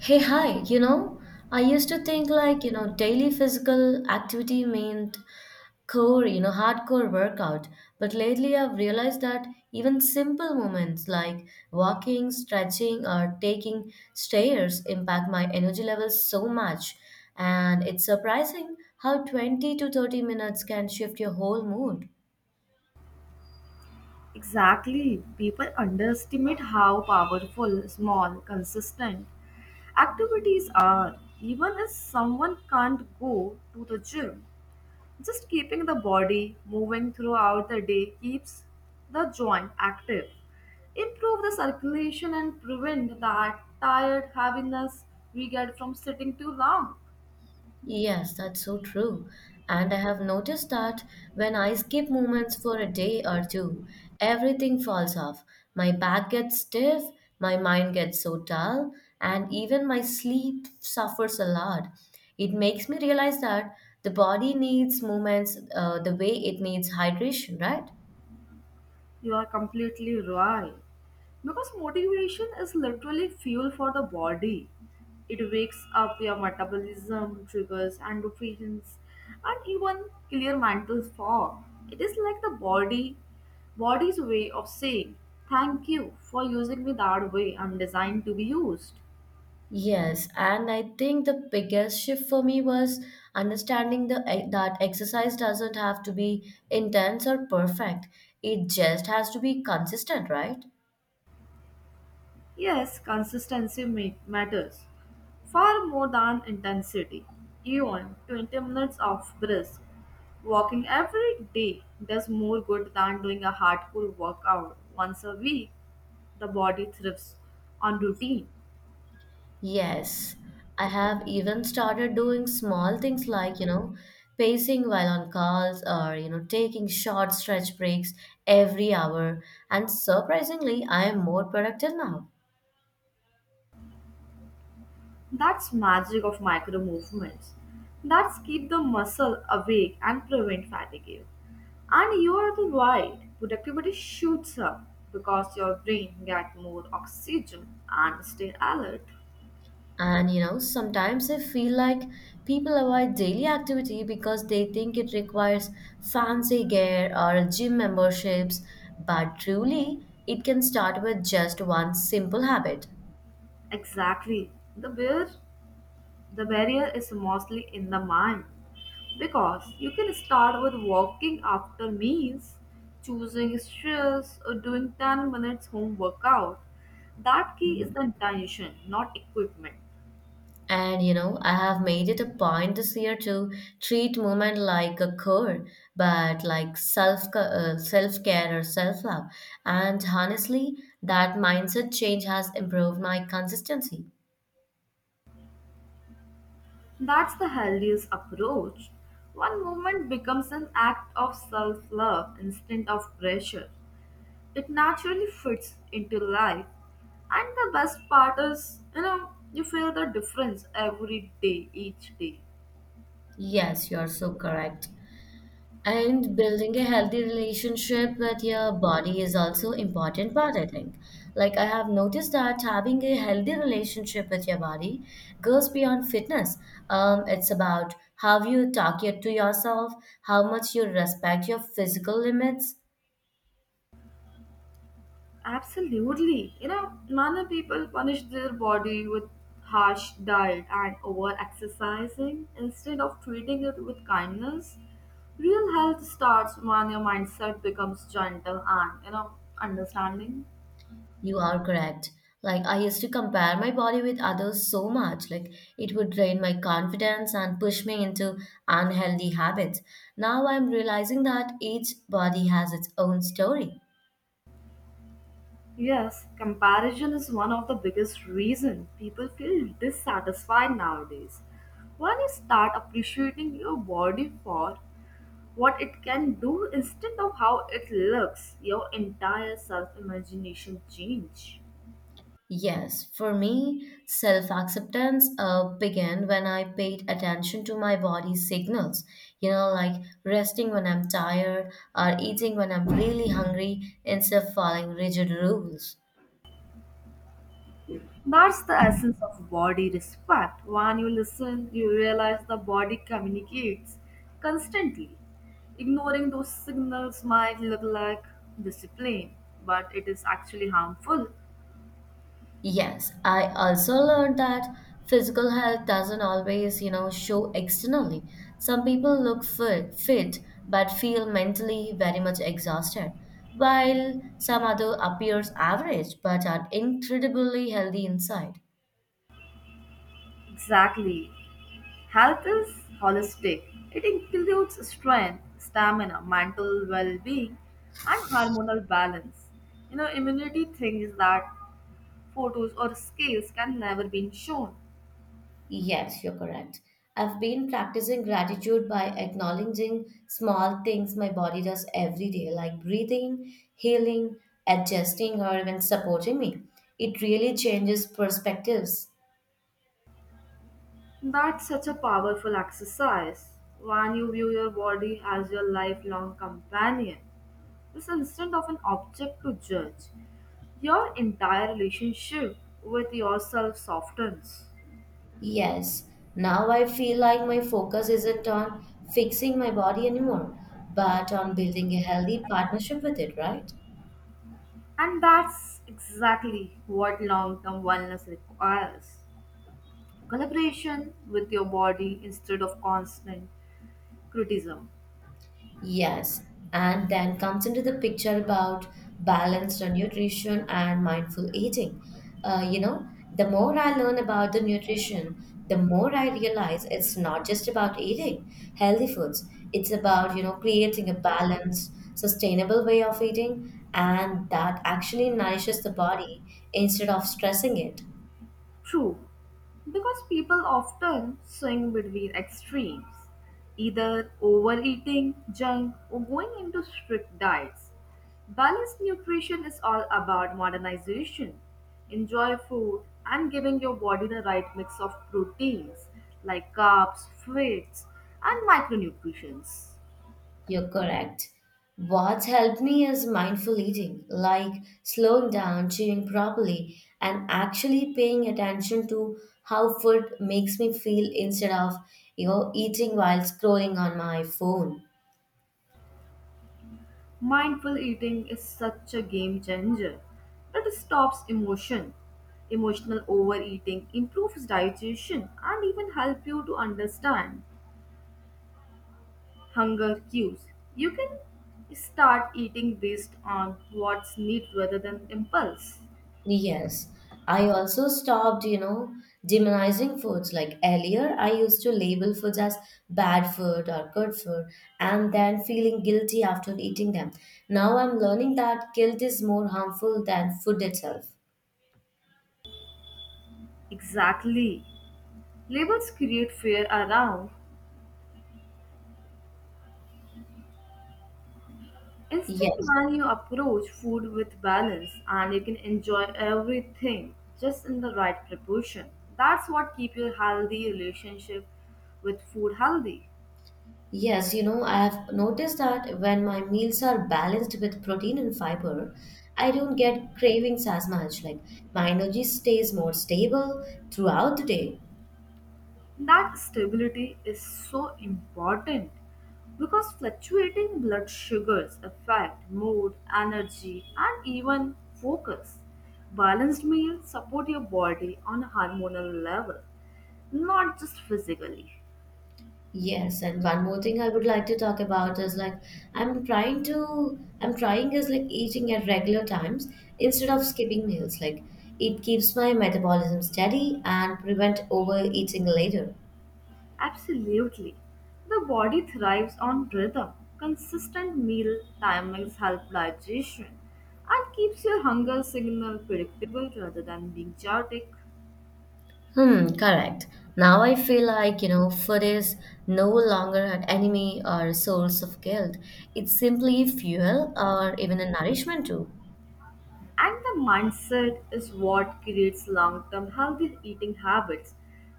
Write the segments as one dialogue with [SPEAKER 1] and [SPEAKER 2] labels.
[SPEAKER 1] Hey, hi, I used to think daily physical activity meant core, hardcore workout. But lately I've realized that even simple movements like walking, stretching, or taking stairs impact my energy levels so much. And it's surprising how 20 to 30 minutes can shift your whole mood.
[SPEAKER 2] Exactly. People underestimate how powerful, small, consistent activities are. Even if someone can't go to the gym, just keeping the body moving throughout the day keeps the joint active, improve the circulation, and prevent that tired heaviness we get from sitting too long.
[SPEAKER 1] Yes, that's so true. And I have noticed that when I skip movements for a day or two, everything falls off. My back gets stiff, my mind gets so dull, and even my sleep suffers a lot. It makes me realize that the body needs movements the way it needs hydration, right?
[SPEAKER 2] You are completely right. Because motivation is literally fuel for the body. It wakes up your metabolism, triggers endorphins, and even clear mental fog. It is like the body's way of saying, thank you for using me that way I'm designed to be used.
[SPEAKER 1] Yes, and I think the biggest shift for me was understanding that exercise doesn't have to be intense or perfect. It just has to be consistent, right?
[SPEAKER 2] Yes, consistency matters far more than intensity. Even 20 minutes of brisk walking every day does more good than doing a hardcore workout once a week. The body thrives on routine.
[SPEAKER 1] Yes, I have even started doing small things like, pacing while on calls or, taking short stretch breaks every hour. And surprisingly, I am more productive now.
[SPEAKER 2] That's magic of micro movements. That's keep the muscle awake and prevent fatigue. And you are the right. Productivity shoots up because your brain get more oxygen and stay alert.
[SPEAKER 1] And you know, sometimes I feel like people avoid daily activity because they think it requires fancy gear or gym memberships, but truly, it can start with just one simple habit.
[SPEAKER 2] Exactly. The barrier is mostly in the mind because you can start with walking after meals, choosing stress, or doing 10 minutes home workout. That key is the intention, not equipment.
[SPEAKER 1] And you know, I have made it a point this year to treat movement like a core, but like self care or self love. And honestly, that mindset change has improved my consistency.
[SPEAKER 2] That's the healthiest approach. One movement becomes an act of self love instead of pressure. It naturally fits into life. And the best part is, you know, you feel the difference every day, each day.
[SPEAKER 1] Yes, you're so correct. And building a healthy relationship with your body is also important part, I think. Like I have noticed that having a healthy relationship with your body goes beyond fitness. It's about how to yourself, how much you respect your physical limits.
[SPEAKER 2] Absolutely. You know, many people punish their body with harsh diet and over exercising instead of treating it with kindness. Real health starts when your mindset becomes gentle and, you know, understanding.
[SPEAKER 1] You are correct. Like I used to compare my body with others so much, like it would drain my confidence and push me into unhealthy habits. Now I'm realizing that each body has its own story.
[SPEAKER 2] Yes, comparison is one of the biggest reason people feel dissatisfied nowadays. When you start appreciating your body for what it can do instead of how it looks, your entire self imagination change.
[SPEAKER 1] Yes, for me, self acceptance began when I paid attention to my body's signals. You know, like resting when I'm tired or eating when I'm really hungry instead of following rigid rules.
[SPEAKER 2] That's the essence of body respect. When you listen, you realize the body communicates constantly. Ignoring those signals might look like discipline, but it is actually harmful.
[SPEAKER 1] Yes, I also learned that physical health doesn't always, show externally. Some people look fit but feel mentally very much exhausted, while some other appears average but are incredibly healthy inside.
[SPEAKER 2] Exactly. Health is holistic. It includes strength, stamina, mental well being, and hormonal balance. You know, immunity thing is that photos or scales can never be shown.
[SPEAKER 1] Yes, you're correct. I've been practicing gratitude by acknowledging small things my body does every day, like breathing, healing, adjusting, or even supporting me. It really changes perspectives.
[SPEAKER 2] That's such a powerful exercise when you view your body as your lifelong companion. It's instead of an object to judge. Your entire relationship with yourself softens.
[SPEAKER 1] Yes, now I feel like my focus isn't on fixing my body anymore, but on building a healthy partnership with it, right?
[SPEAKER 2] And that's exactly what long term wellness requires, collaboration with your body instead of constant criticism.
[SPEAKER 1] Yes, and then comes into the picture about balanced nutrition and mindful eating. You know, the more I learn about the nutrition, the more I realize it's not just about eating healthy foods. It's about, creating a balanced, sustainable way of eating and that actually nourishes the body instead of stressing it.
[SPEAKER 2] True, because people often swing between extremes, either overeating junk or going into strict diets. Balanced nutrition is all about modernization. Enjoy food and giving your body the right mix of proteins like carbs, fats, and micronutrients.
[SPEAKER 1] You're correct. What's helped me is mindful eating, like slowing down, chewing properly, and actually paying attention to how food makes me feel instead of, eating while scrolling on my phone.
[SPEAKER 2] Mindful eating is such a game changer. It stops emotion. Emotional overeating improves digestion and even help you to understand hunger cues. You can start eating based on what's need rather than impulse.
[SPEAKER 1] Yes. I also stopped, demonizing foods. Like earlier, I used to label foods as bad food or good food and then feeling guilty after eating them. Now I'm learning that guilt is more harmful than food itself.
[SPEAKER 2] Exactly. Labels create fear around. Instead,
[SPEAKER 1] Yes,
[SPEAKER 2] when you approach food with balance, and you can enjoy everything just in the right proportion, that's what keep your healthy relationship with food healthy.
[SPEAKER 1] yes, you know, I have noticed that when my meals are balanced with protein and fiber, I don't get cravings as much. Like my energy stays more stable throughout the day.
[SPEAKER 2] That stability is so important because fluctuating blood sugars affect mood, energy, and even focus. Balanced meals support your body on a hormonal level, not just physically.
[SPEAKER 1] Yes, and one more thing I would like to talk about is like I'm trying is like eating at regular times instead of skipping meals. Like it keeps my metabolism steady and prevent overeating later.
[SPEAKER 2] Absolutely. The body thrives on rhythm. Consistent meal timings help digestion and keeps your hunger signal predictable rather than being chaotic.
[SPEAKER 1] Hmm, correct. Now I feel like, food is no longer an enemy or a source of guilt. It's simply fuel or even a nourishment too.
[SPEAKER 2] And the mindset is what creates long-term healthy eating habits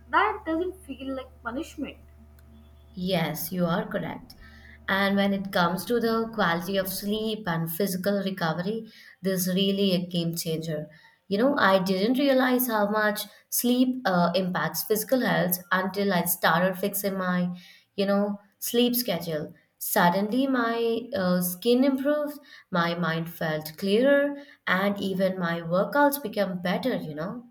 [SPEAKER 2] that doesn't feel like punishment.
[SPEAKER 1] Yes, you are correct. And when it comes to the quality of sleep and physical recovery, this really a game changer. You know, I didn't realize how much sleep impacts physical health until I started fixing my, sleep schedule. Suddenly, my skin improved, my mind felt clearer, and even my workouts became better, you know.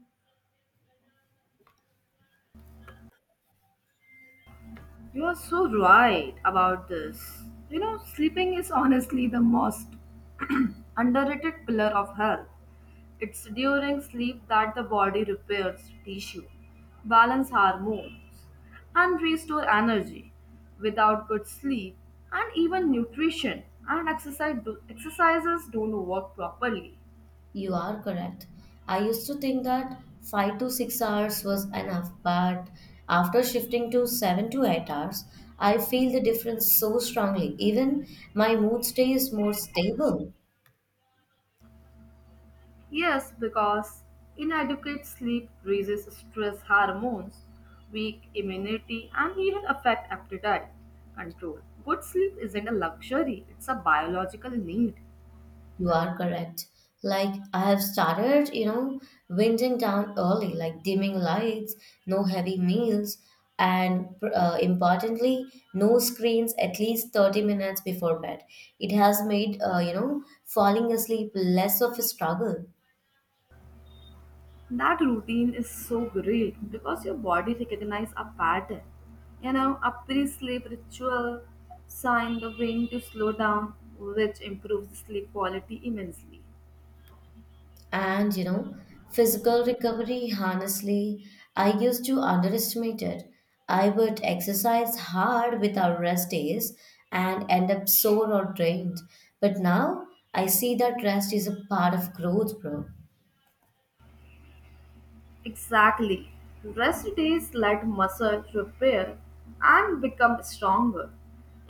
[SPEAKER 2] You are so right about this. You know, sleeping is honestly the most underrated pillar of health. It's during sleep that the body repairs tissue, balance hormones, and restore energy. Without good sleep and even nutrition and exercises don't work properly.
[SPEAKER 1] You are correct. I used to think that 5 to 6 hours was enough, but after shifting to 7 to 8 hours, I feel the difference so strongly. Even my mood stays more stable.
[SPEAKER 2] Yes, because inadequate sleep raises stress hormones, weak immunity, and even affect appetite control. Good sleep isn't a luxury; it's a biological need.
[SPEAKER 1] You are correct. Like I have started, winding down early, like dimming lights, no heavy meals, and importantly, no screens at least 30 minutes before bed. It has made falling asleep less of a struggle.
[SPEAKER 2] That routine is so great because your body recognizes a pattern. You know, a pre sleep ritual sign the brain to slow down, which improves sleep quality immensely.
[SPEAKER 1] And you know, physical recovery, honestly, I used to underestimate it. I would exercise hard without rest days and end up sore or drained. But now I see that rest is a part of growth, bro.
[SPEAKER 2] Exactly. Rest days let muscle repair and become stronger.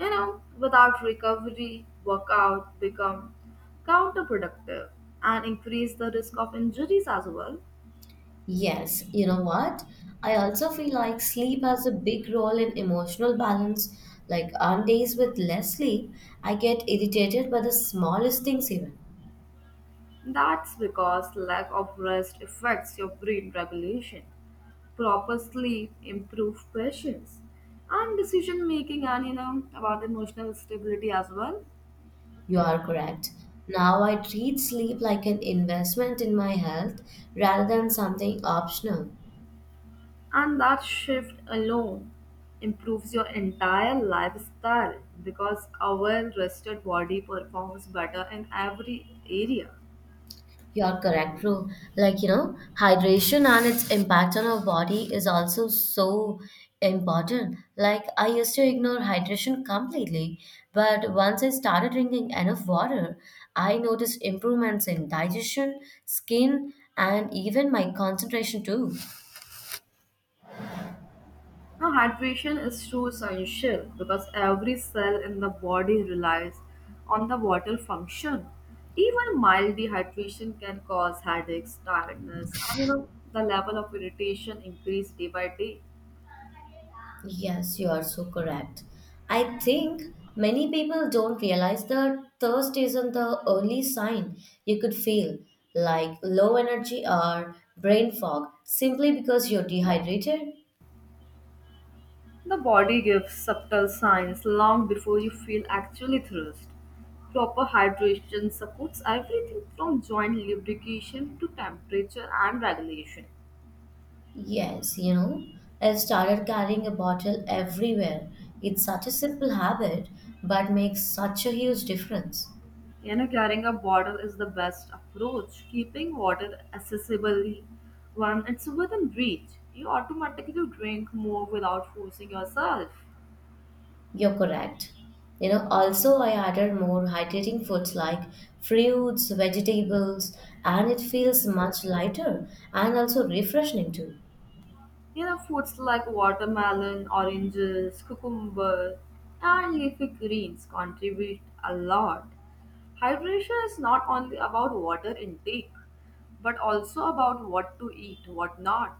[SPEAKER 2] You know, without recovery, workout become counterproductive and increase the risk of injuries as well.
[SPEAKER 1] Yes, you know what? I also feel like sleep has a big role in emotional balance. Like on days with less sleep, I get irritated by the smallest things, even.
[SPEAKER 2] That's because lack of rest affects your brain regulation. Proper sleep improves patience and decision making, and you know about emotional stability as well.
[SPEAKER 1] You are correct. Now I treat sleep like an investment in my health rather than something optional.
[SPEAKER 2] And that shift alone improves your entire lifestyle because our rested body performs better in every area.
[SPEAKER 1] You are correct, bro. Like, you know, hydration and its impact on our body is also so important. Like, I used to ignore hydration completely, but once I started drinking enough water, I noticed improvements in digestion, skin, and even my concentration too.
[SPEAKER 2] Now, hydration is too essential because every cell in the body relies on the water function. Even mild dehydration can cause headaches, tiredness, and you know, the level of irritation increase day by day.
[SPEAKER 1] Yes, you are so correct. I think many people don't realize that thirst isn't the only sign you could feel, like low energy or brain fog, simply because you're dehydrated.
[SPEAKER 2] The body gives subtle signs long before you feel actually thirst. Proper hydration supports everything from joint lubrication to temperature and regulation.
[SPEAKER 1] Yes, you know, I started carrying a bottle everywhere. It's such a simple habit, but makes such a huge difference.
[SPEAKER 2] You know, carrying a bottle is the best approach. Keeping water accessible, when it's within reach, you automatically drink more without forcing yourself.
[SPEAKER 1] You're correct. You know, also I added more hydrating foods like fruits, vegetables, and it feels much lighter and also refreshing too.
[SPEAKER 2] You know, foods like watermelon, oranges, cucumber, and leafy greens contribute a lot. Hydration is not only about water intake, but also about what to eat, what not.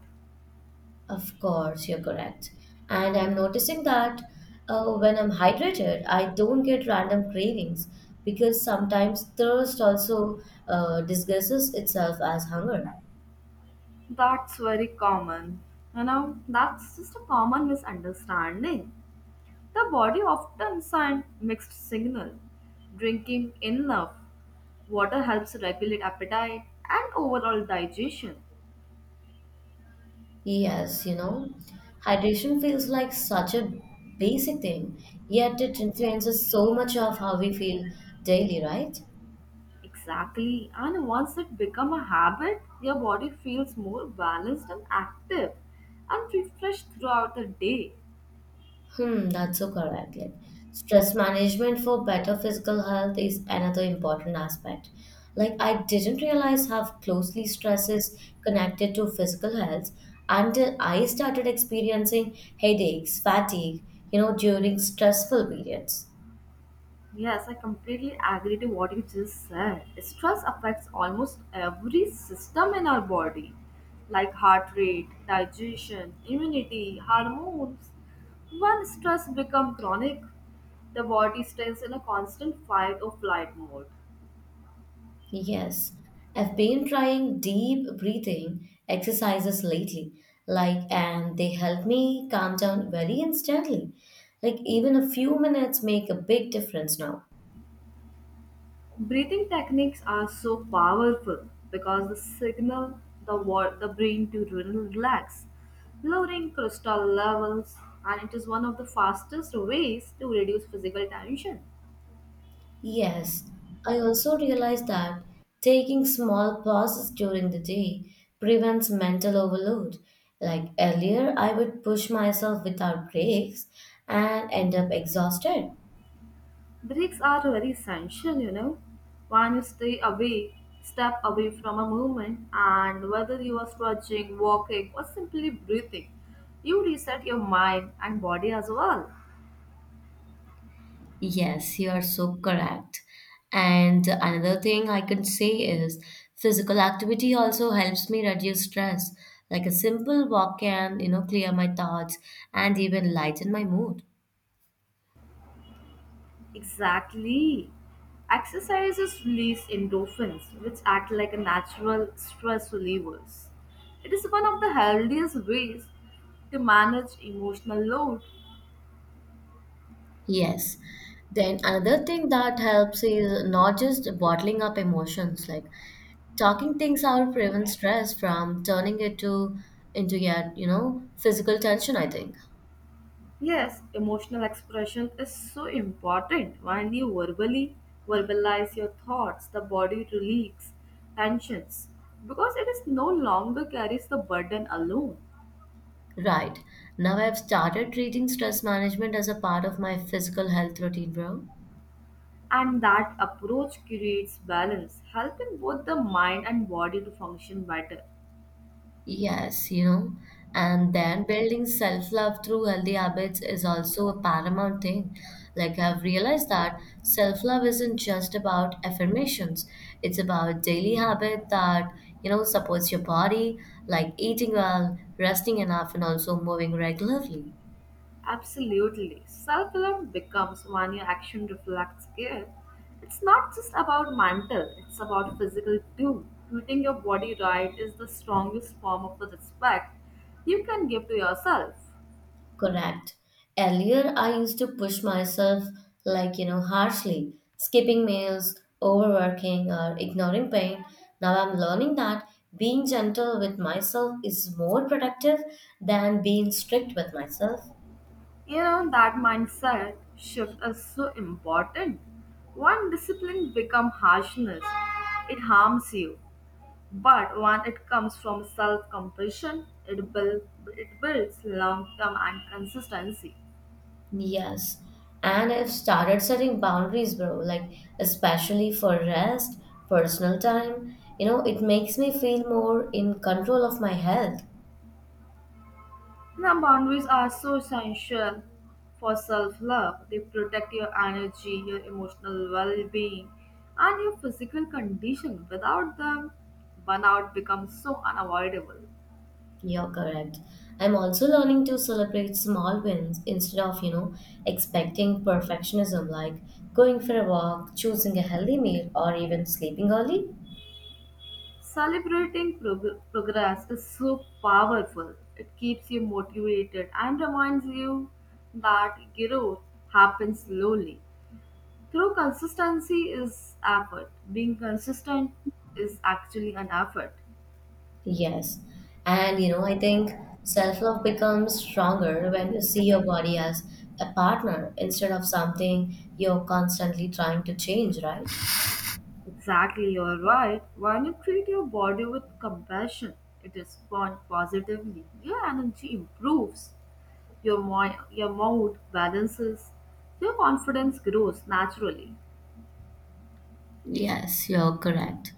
[SPEAKER 1] Of course, you're correct. And I'm noticing that when I'm hydrated, I don't get random cravings because sometimes thirst also disguises itself as hunger.
[SPEAKER 2] That's very common. You know, that's just a common misunderstanding. The body often sends mixed signal. Drinking enough water helps regulate appetite and overall digestion.
[SPEAKER 1] Yes, you know, hydration feels like such a basic thing, yet it influences so much of how we feel daily, right?
[SPEAKER 2] Exactly. And once it become a habit, your body feels more balanced and active and refreshed throughout the day.
[SPEAKER 1] Hmm, that's so correct. Like, stress management for better physical health is another important aspect. Like, I didn't realize how closely stress is connected to physical health until I started experiencing headaches, fatigue, during stressful periods.
[SPEAKER 2] Yes, I completely agree to what you just said. Stress affects almost every system in our body, like heart rate, digestion, immunity, hormones. When stress becomes chronic, the body stays in a constant fight or flight mode.
[SPEAKER 1] Yes, I've been trying deep breathing exercises lately, like, and they help me calm down very instantly. Like, even a few minutes make a big difference now.
[SPEAKER 2] Breathing techniques are so powerful because they signal the brain to relax, lowering cortisol levels, and it is one of the fastest ways to reduce physical tension.
[SPEAKER 1] Yes, I also realized that taking small pauses during the day prevents mental overload. Like earlier, I would push myself without breaks and end up exhausted.
[SPEAKER 2] Breaks are very essential, you know. When you step away from a movement, and whether you are stretching, walking, or simply breathing, you reset your mind and body as well.
[SPEAKER 1] Yes, you are so correct. And another thing I can say is physical activity also helps me reduce stress. Like a simple walk can, clear my thoughts and even lighten my mood.
[SPEAKER 2] Exactly. Exercises release endorphins, which act like a natural stress relievers. It is one of the healthiest ways to manage emotional load.
[SPEAKER 1] Yes. Then another thing that helps is not just bottling up emotions, like talking things out prevents stress from turning it to into your, physical tension, I think.
[SPEAKER 2] Yes, emotional expression is so important. When you verbally verbalize your thoughts, the body relieves tensions because it is no longer carries the burden alone.
[SPEAKER 1] Right. Now I've started treating stress management as a part of my physical health routine, bro.
[SPEAKER 2] And that approach creates balance, helping both the mind and body to function better.
[SPEAKER 1] Yes, you know, and then building self-love through healthy habits is also a paramount thing. Like I've realized that self-love isn't just about affirmations. It's about daily habit that, supports your body, like eating well, resting enough, and also moving regularly.
[SPEAKER 2] Absolutely. Self love becomes when your action reflects care. It's not just about mental, it's about physical too. Treating your body right is the strongest form of respect you can give to yourself.
[SPEAKER 1] Correct. Earlier, I used to push myself, like, harshly, skipping meals, overworking, or ignoring pain. Now I'm learning that being gentle with myself is more productive than being strict with myself.
[SPEAKER 2] You know, that mindset shift is so important. One discipline become harshness, it harms you. But when it comes from self compassion, it builds long term and consistency.
[SPEAKER 1] Yes. And I've started setting boundaries, bro, like, especially for rest, personal time. You know, it makes me feel more in control of my health.
[SPEAKER 2] Now, boundaries are so essential for self love. They protect your energy, your emotional well being, and your physical condition. Without them, burnout becomes so unavoidable.
[SPEAKER 1] You're correct. I'm also learning to celebrate small wins instead of, expecting perfectionism like going for a walk, choosing a healthy meal, or even sleeping early.
[SPEAKER 2] Progress is so powerful. It keeps you motivated and reminds you that growth happens slowly. Through consistency is effort. Being consistent is actually an effort.
[SPEAKER 1] Yes. And, you know, I think self love becomes stronger when you see your body as a partner instead of something you're constantly trying to change, right?
[SPEAKER 2] Exactly, you're right. When you treat your body with compassion, it responds positively. Your energy improves, your mood balances, your confidence grows naturally.
[SPEAKER 1] Yes, you're correct.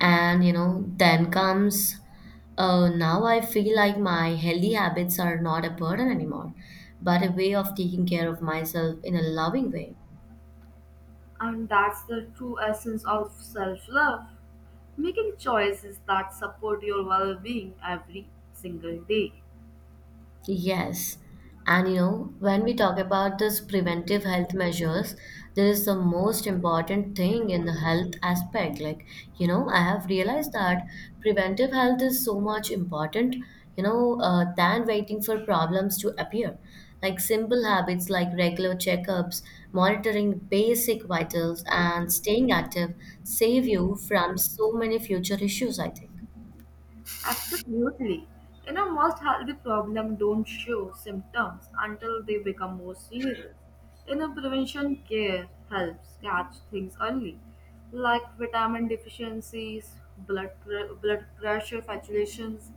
[SPEAKER 1] And you know, then comes now I feel like my healthy habits are not a burden anymore, but a way of taking care of myself in a loving way.
[SPEAKER 2] And that's the true essence of self love, making choices that support your well being every single day.
[SPEAKER 1] Yes. And you know, when we talk about this preventive health measures, there is the most important thing in the health aspect. Like, you know, I have realized that preventive health is so much important, than waiting for problems to appear. Like simple habits like regular checkups, monitoring basic vitals, and staying active save you from so many future issues, I think.
[SPEAKER 2] Absolutely. You know, most healthy problems don't show symptoms until they become more serious. You know, prevention care helps catch things early, like vitamin deficiencies, blood pressure fluctuations,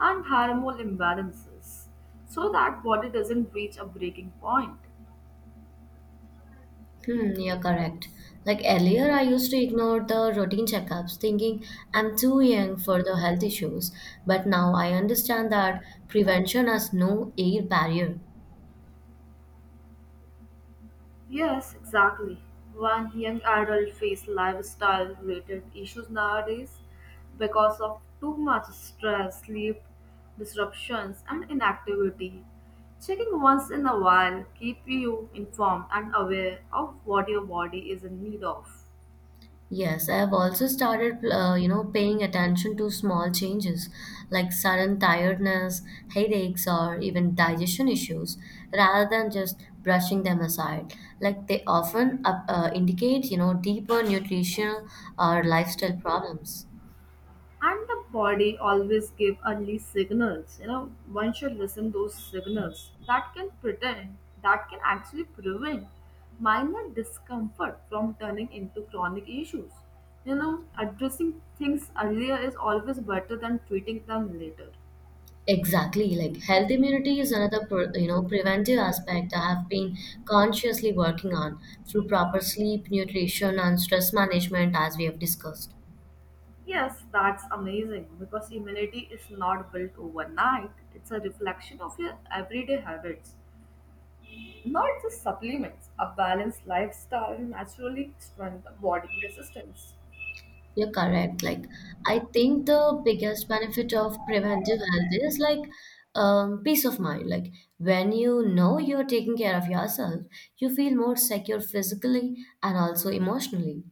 [SPEAKER 2] and hormonal imbalances, so that body doesn't reach a breaking point.
[SPEAKER 1] Hmm, you're correct. Like earlier, I used to ignore the routine checkups, thinking I'm too young for the health issues. But now I understand that prevention has no age barrier.
[SPEAKER 2] Yes, exactly. One young adult face lifestyle related issues nowadays because of too much stress, sleep disruptions, and inactivity. Checking once in a while keep you informed and aware of what your body is in need of.
[SPEAKER 1] Yes, I have also started, paying attention to small changes like sudden tiredness, headaches, or even digestion issues, rather than just brushing them aside. Like they often indicate, you know, deeper nutritional or lifestyle problems.
[SPEAKER 2] And the body always give early signals. You know, one should listen those signals that can pretend, that can actually prevent minor discomfort from turning into chronic issues. You know, addressing things earlier is always better than treating them later.
[SPEAKER 1] Exactly, like health immunity is another preventive aspect I have been consciously working on through proper sleep, nutrition, and stress management, as we have discussed.
[SPEAKER 2] Yes, that's amazing because immunity is not built overnight. It's a reflection of your everyday habits, not just supplements. A balanced lifestyle naturally strengthens body resistance.
[SPEAKER 1] You're correct. Like I think the biggest benefit of preventive health is like peace of mind. Like when you know you're taking care of yourself, you feel more secure physically and also emotionally.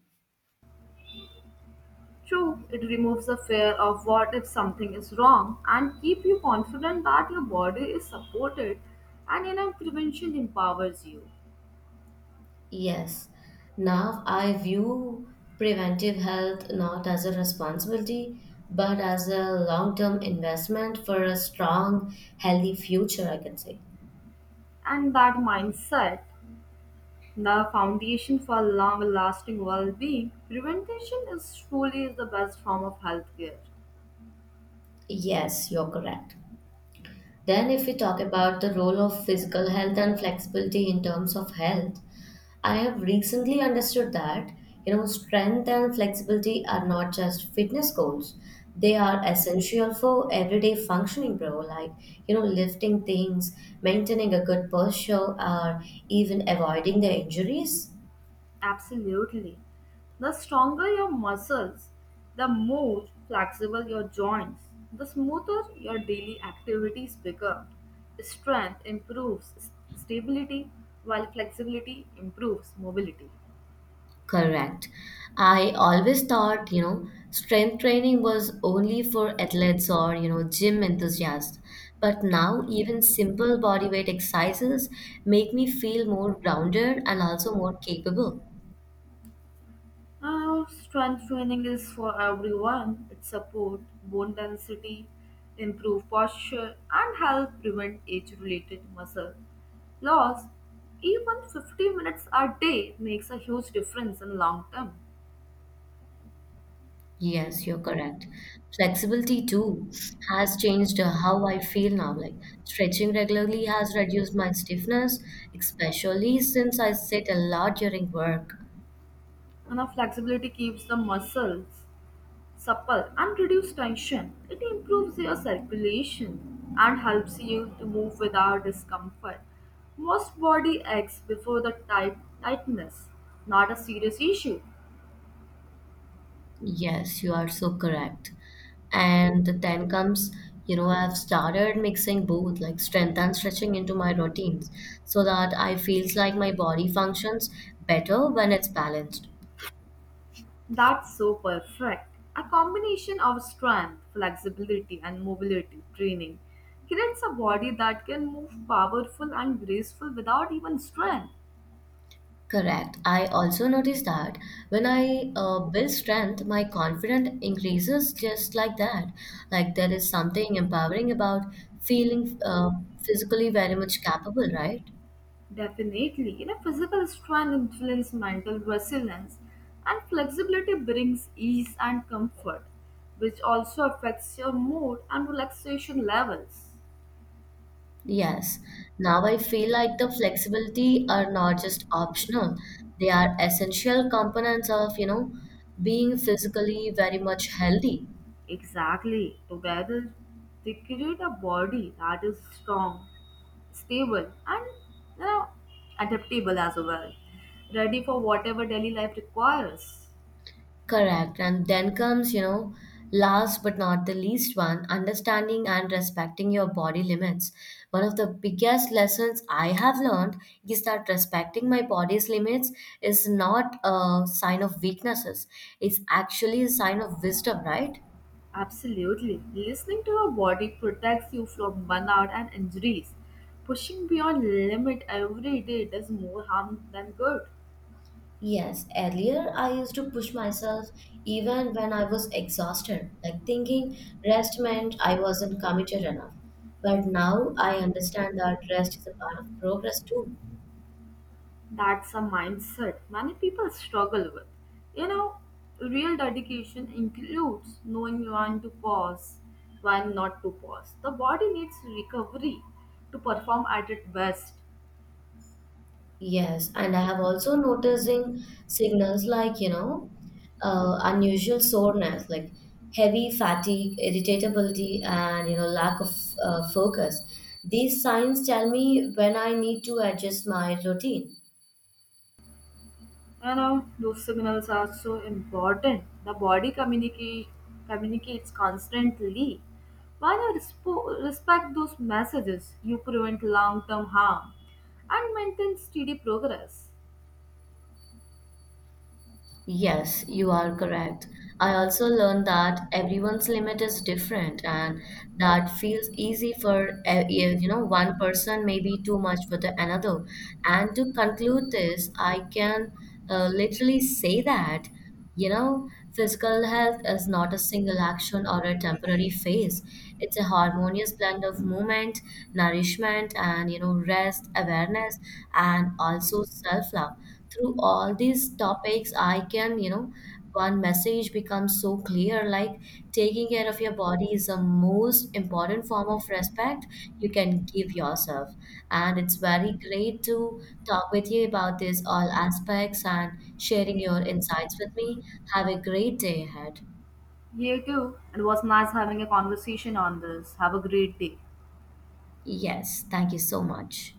[SPEAKER 2] True, it removes the fear of what if something is wrong and keep you confident that your body is supported, and you know, prevention empowers you.
[SPEAKER 1] Yes. Now I view preventive health not as a responsibility, but as a long term investment for a strong, healthy future, I can say.
[SPEAKER 2] And that mindset, the foundation for long lasting well being, prevention is truly the best form of healthcare.
[SPEAKER 1] Yes, you're correct. Then, if we talk about the role of physical health and flexibility in terms of health, I have recently understood that, you know, strength and flexibility are not just fitness goals. They are essential for everyday functioning, bro. Like, you know, lifting things, maintaining a good posture, or even avoiding the injuries.
[SPEAKER 2] Absolutely. The stronger your muscles, the more flexible your joints, the smoother your daily activities become. Strength improves stability, while flexibility improves mobility.
[SPEAKER 1] Correct. I always thought, you know, strength training was only for athletes or, you know, gym enthusiasts. But now, even simple bodyweight exercises make me feel more grounded and also more capable.
[SPEAKER 2] Now, strength training is for everyone. It supports bone density, improve posture, and help prevent age-related muscle loss. Even 50 minutes a day makes a huge difference in long term.
[SPEAKER 1] Yes, you're correct. Flexibility too has changed how I feel now. Like stretching regularly has reduced my stiffness, especially since I sit a lot during work.
[SPEAKER 2] And our flexibility keeps the muscles supple and reduce tension. It improves your circulation and helps you to move without discomfort. Most body aches before the tightness, not a serious issue.
[SPEAKER 1] Yes, you are so correct. And then comes, you know, I've started mixing both like strength and stretching into my routines so that I feels like my body functions better when it's balanced.
[SPEAKER 2] That's so perfect. A combination of strength, flexibility, and mobility training creates a body that can move powerful and graceful without even strength.
[SPEAKER 1] Correct. I also noticed that when I build strength, my confidence increases just like that. Like there is something empowering about feeling physically very much capable, right?
[SPEAKER 2] Definitely, you know, physical strength influences mental resilience, and flexibility brings ease and comfort, which also affects your mood and relaxation levels.
[SPEAKER 1] Yes. Now I feel like the flexibility are not just optional. They are essential components of, you know, being physically very much healthy.
[SPEAKER 2] Exactly, together they create a body that is strong, stable, and you know, adaptable as well, ready for whatever daily life requires.
[SPEAKER 1] Correct. And then comes, you know, last but not the least one, understanding and respecting your body limits. One of the biggest lessons I have learned is that respecting my body's limits is not a sign of weaknesses. It's actually a sign of wisdom, right?
[SPEAKER 2] Absolutely. Listening to your body protects you from burnout and injuries. Pushing beyond limit every day does more harm than good.
[SPEAKER 1] Yes, earlier I used to push myself even when I was exhausted, like thinking rest meant I wasn't committed enough. But now I understand that rest is a part of progress too.
[SPEAKER 2] That's a mindset many people struggle with. You know, real dedication includes knowing when to pause, when not to pause. The body needs recovery to perform at its best.
[SPEAKER 1] Yes, and I have also noticing signals like, you know, unusual soreness, like heavy fatigue, irritability, and, you know, lack of focus. These signs tell me when I need to adjust my routine.
[SPEAKER 2] You know, those signals are so important. The body communicates constantly. When you respect those messages, you prevent long-term harm and maintain steady progress.
[SPEAKER 1] Yes, you are correct. I also learned that everyone's limit is different, and that feels easy for one person may be too much for the another. And to conclude this, I can literally say that you know physical health is not a single action or a temporary phase. It's a harmonious blend of movement, nourishment, and you know rest, awareness, and also self love through all these topics I can you know one message becomes so clear like taking care of your body is the most important form of respect you can give yourself and it's very great to talk with you about this all aspects and sharing your insights with me have a great day ahead
[SPEAKER 2] You too. It was nice having a conversation on this. Have a great day.
[SPEAKER 1] yes thank you so much